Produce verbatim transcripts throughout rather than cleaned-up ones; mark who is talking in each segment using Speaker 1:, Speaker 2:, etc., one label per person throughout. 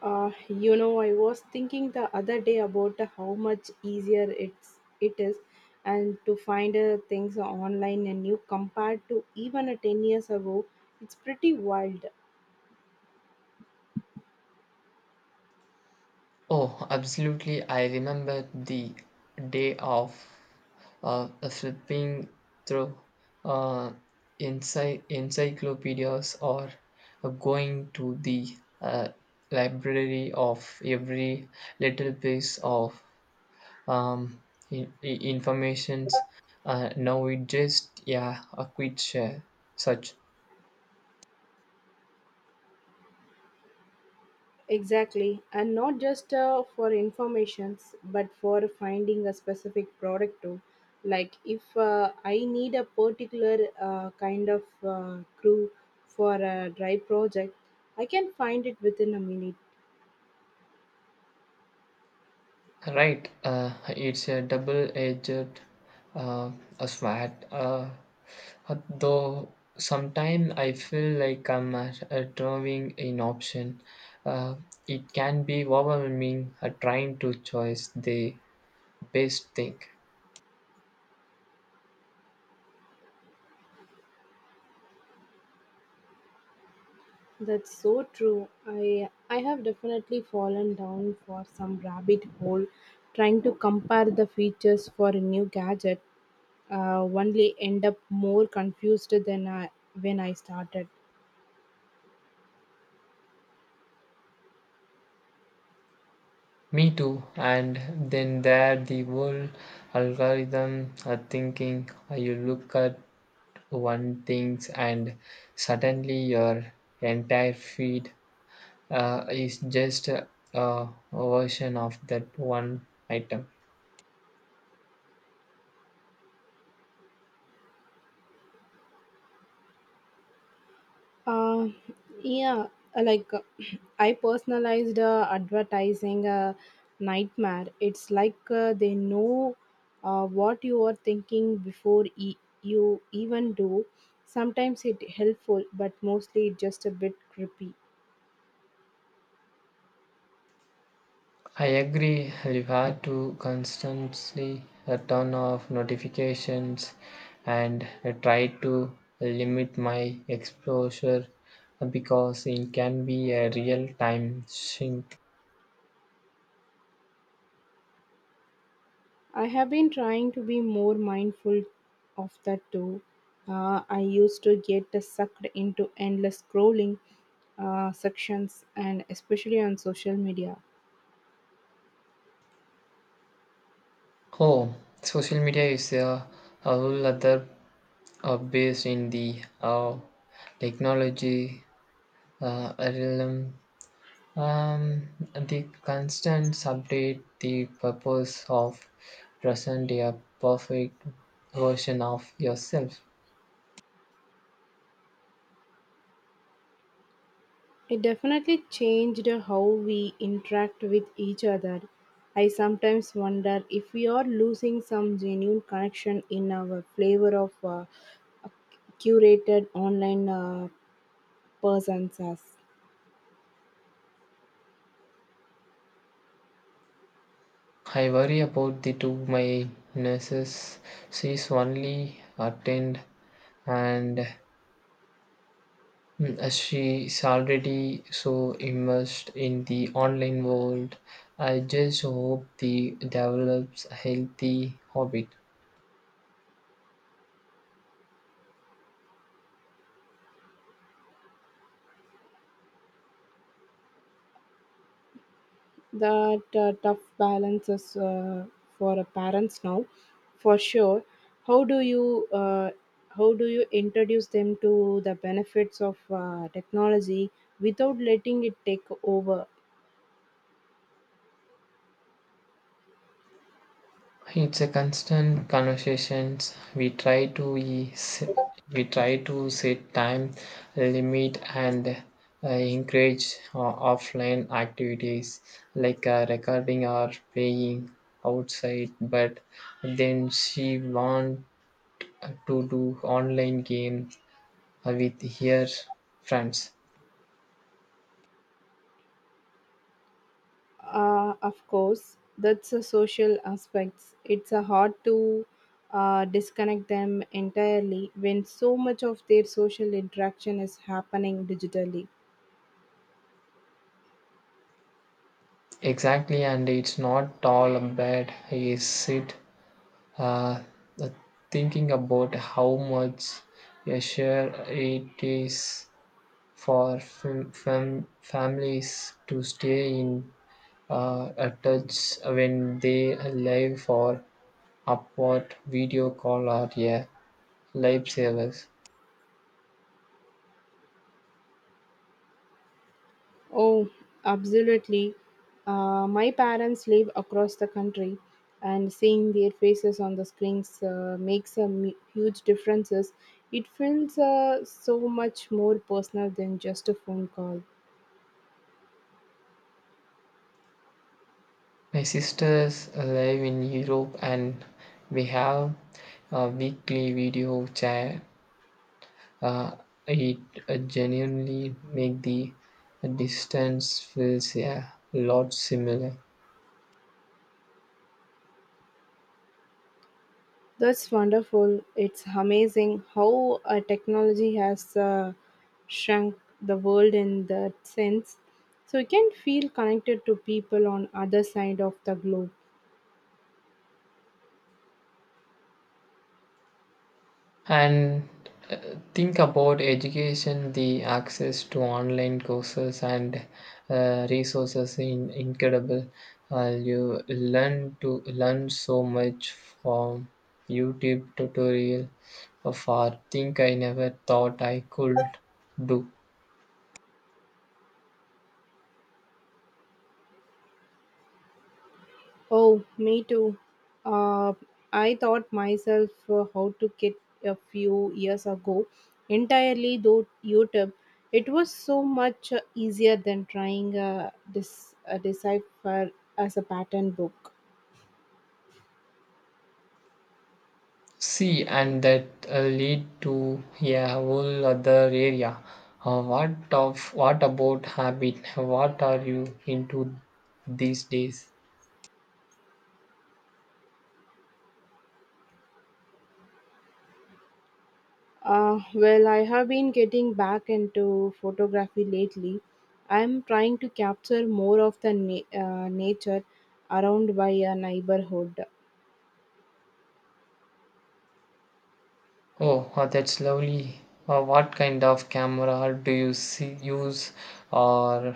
Speaker 1: Uh, you know, I was thinking the other day about how much easier it's it is, and to find uh, things online and new compared to even uh, ten years ago. It's pretty wild.
Speaker 2: Oh, absolutely. I remember the day of uh, flipping through uh, ency- encyclopedias or going to the uh, library of every little piece of um, in- information. Uh, now it just, yeah, a quick share, such.
Speaker 1: Exactly, and not just uh, for informations, but for finding a specific product too. Like if uh, I need a particular uh, kind of uh, crew for a dry project, I can find it within a minute.
Speaker 2: Right, uh, it's a double-edged uh, a sword. Uh, though sometimes I feel like I'm uh, uh, drawing an option. Uh, it can be overwhelming uh, trying to choose the best thing.
Speaker 1: That's so true. I I have definitely fallen down for some rabbit hole trying to compare the features for a new gadget. Uh, only end up more confused than I when I started.
Speaker 2: Me too. And then there the whole algorithm uh, thinking. Uh, you look at one things and suddenly your entire feed uh, is just a, a version of that one item.
Speaker 1: Uh, yeah, like uh, I personalized uh, advertising uh, nightmare. It's like uh, they know uh, what you are thinking before e- you even do. Sometimes it helpful, but mostly it just a bit creepy.
Speaker 2: I agree, you have to constantly uh, turn off notifications and uh, try to limit my exposure uh, because it can be a real time sink.
Speaker 1: I have been trying to be more mindful of that too. Uh, I used to get uh, sucked into endless scrolling uh, sections, and especially on social media.
Speaker 2: Oh, social media is a, a whole other uh, based in the uh, technology uh, realm. Um, the constant update the purpose of present a perfect version of yourself.
Speaker 1: It definitely changed how we interact with each other. I sometimes wonder if we are losing some genuine connection in our flavor of uh, curated online uh, persons as
Speaker 2: I worry about the two my nurses. She's only attend and mm, she's already so immersed in the online world. I just hope the develops a healthy habit.
Speaker 1: that uh, tough balance is uh, for uh, parents now for sure. how do you uh, how do you introduce them to the benefits of uh, technology without letting it take over?
Speaker 2: It's a constant conversations. We try to is- we try to set time limit and uh, encourage uh, offline activities like uh, recording or playing outside. But then she want to do online game uh, with her friends.
Speaker 1: Uh, of course, that's the social aspects. It's uh, hard to uh, disconnect them entirely when so much of their social interaction is happening digitally.
Speaker 2: Exactly, and it's not all bad. Is it? uh, the thinking about how much a share it is for fam- fam- families to stay in uh, a touch when they are live for upward video call or a lifesavers.
Speaker 1: Oh, absolutely. Uh, my parents live across the country, and seeing their faces on the screens uh, makes a mu- huge differences. It feels uh, so much more personal than just a phone call.
Speaker 2: My sisters live in Europe and we have a weekly video chat. Uh, it uh, genuinely make the distance feels, yeah, a lot similar.
Speaker 1: That's wonderful. It's amazing how uh, technology has uh, shrunk the world in that sense. So you can feel connected to people on other side of the globe.
Speaker 2: And uh, think about education, the access to online courses and uh, resources in incredible. Uh, you learn to learn so much from YouTube tutorial of art. Think I never thought I could do.
Speaker 1: Oh, me too. Uh, I taught myself uh, how to get a few years ago entirely through YouTube. It was so much uh, easier than trying uh, this uh, decipher as a pattern book.
Speaker 2: See, and that uh, lead to a whole other area. Uh, what of what about habit? What are you into these days?
Speaker 1: Uh, well, I have been getting back into photography lately. I'm trying to capture more of the na- uh, nature around by a neighborhood.
Speaker 2: Oh, uh, that's lovely. Uh, what kind of camera do you see, use, or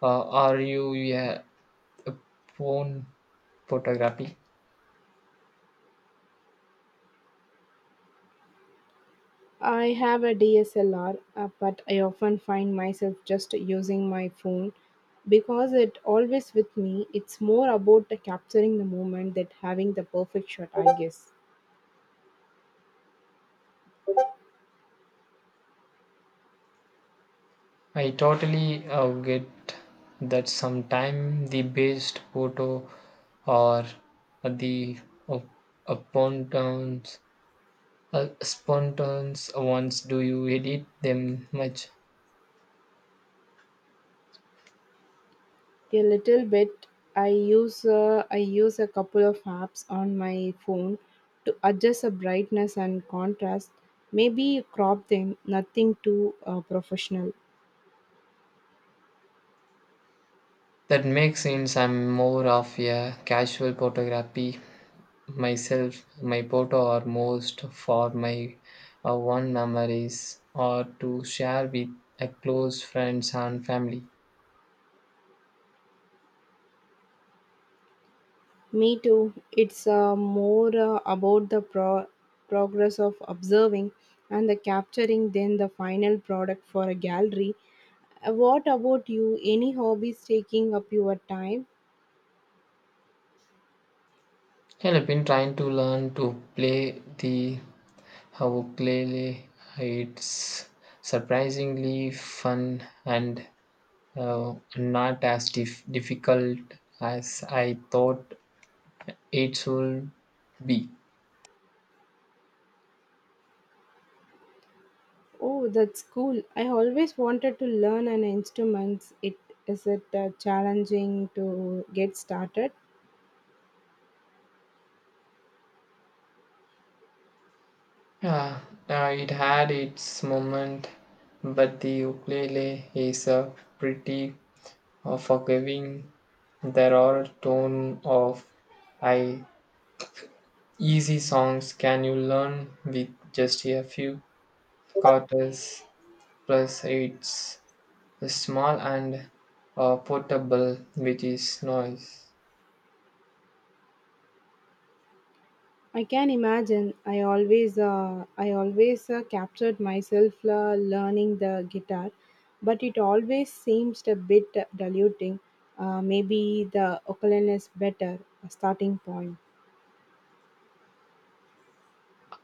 Speaker 2: uh, are you a a phone photography?
Speaker 1: I have a D S L R, uh, but I often find myself just using my phone because it always with me. It's more about the capturing the moment that having the perfect shot, I guess.
Speaker 2: I totally uh, get that sometime the best photo or the uh, spontaneous uh, spontaneous ones. Do you edit them much?
Speaker 1: A little bit. I use uh, I use a couple of apps on my phone to adjust the brightness and contrast. Maybe crop them. Nothing too uh, professional.
Speaker 2: That makes sense. I'm more of a casual photography myself. My photo are most for my uh, one memories or to share with a close friends and family.
Speaker 1: Me too. It's uh, more uh, about the pro- progress of observing and the capturing than the final product for a gallery. Uh, What about you? Any hobbies taking up your time?
Speaker 2: Well, I've been trying to learn to play the ukulele. It's surprisingly fun and uh, not as dif- difficult as I thought it would be.
Speaker 1: Oh, that's cool. I always wanted to learn an instrument. It is it uh, challenging to get started?
Speaker 2: Uh, uh, it had its moment, but the ukulele is a pretty uh, forgiving. There are tone of I easy songs can you learn with just a few quarters, plus it's small and uh, portable with its noise.
Speaker 1: I can imagine. I always uh, I always uh, captured myself uh, learning the guitar, but it always seems a bit diluting. Uh, maybe the ukulele is better a starting point.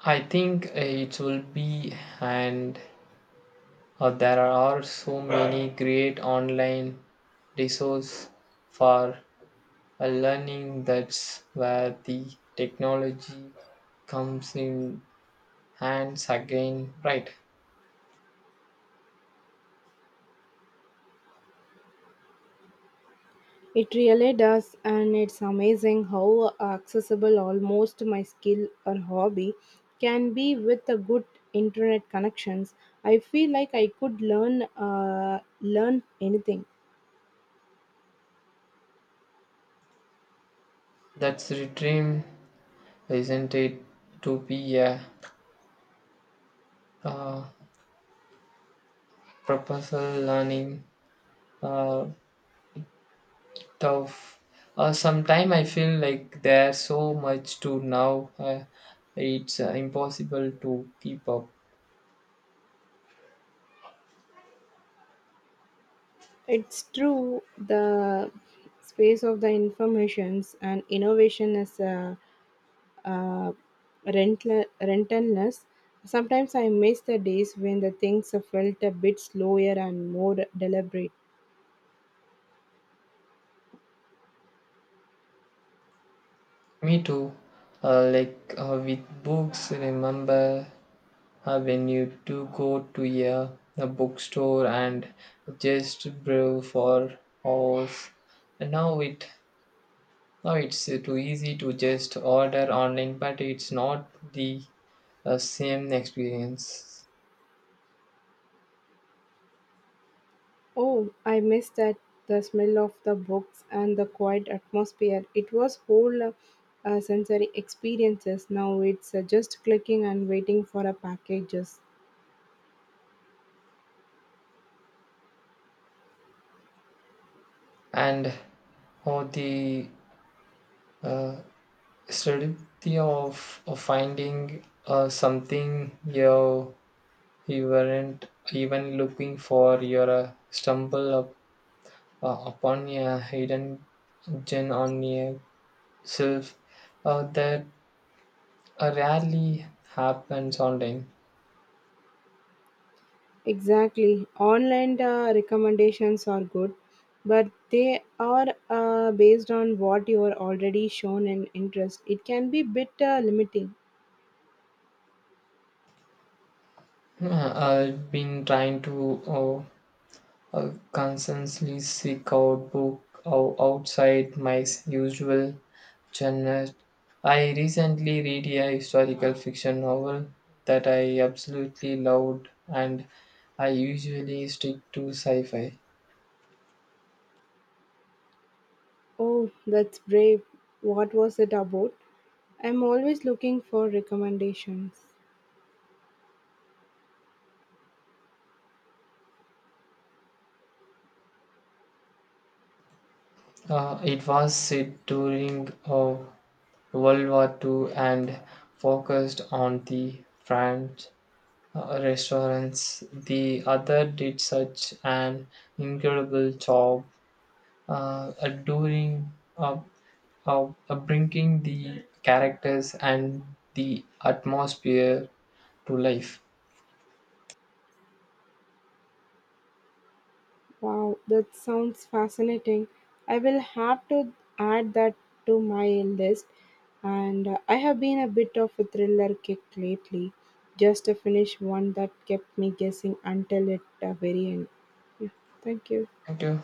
Speaker 2: I think uh, it will be, and uh, there are so many great online resources for uh, learning. That's where the technology comes in hands again, right?
Speaker 1: It really does, and it's amazing how accessible almost my skill or hobby can be with a good internet connections. I feel like I could learn uh, learn anything.
Speaker 2: That's the dream. Isn't it to be a uh, proposal learning uh, tough? Uh, Sometimes I feel like there's so much to now, uh, it's uh, impossible to keep up.
Speaker 1: It's true the space of the informations and innovation is uh, uh, rentle- rentless. Sometimes I miss the days when the things felt a bit slower and more deliberate.
Speaker 2: Me too. Uh, like, uh, with books, remember uh, when you do go to a, a bookstore and just browse for hours. Now it Now it's uh, too easy to just order online, but it's not the uh, same experience.
Speaker 1: Oh, I miss that. The smell of the books and the quiet atmosphere. It was whole uh, uh, sensory experiences. Now it's uh, just clicking and waiting for a packages.
Speaker 2: And or the strategy of, of finding uh, something you you weren't even looking for, your uh, stumble up, uh, upon a hidden gem on yourself uh, that uh, rarely happens online.
Speaker 1: Exactly. Online uh, recommendations are good, but they are uh, based on what you are already shown an interest. It can be bit uh, limiting.
Speaker 2: Uh, I've been trying to. Uh, uh, Constantly seek out book ou- outside my s- usual genre. I recently read a historical fiction novel that I absolutely loved, and I usually stick to sci-fi.
Speaker 1: Oh, that's brave. What was it about? I'm always looking for recommendations.
Speaker 2: Uh, it was set during uh, World War Two and focused on the French uh, restaurants. The other did such an incredible job uh, adoring, uh, uh, uh, bringing the characters and the atmosphere to life.
Speaker 1: Wow, that sounds fascinating. I will have to add that to my list. And uh, I have been a bit of a thriller kick lately, just to finish one that kept me guessing until at the very end. Yeah, thank you.
Speaker 2: Thank you.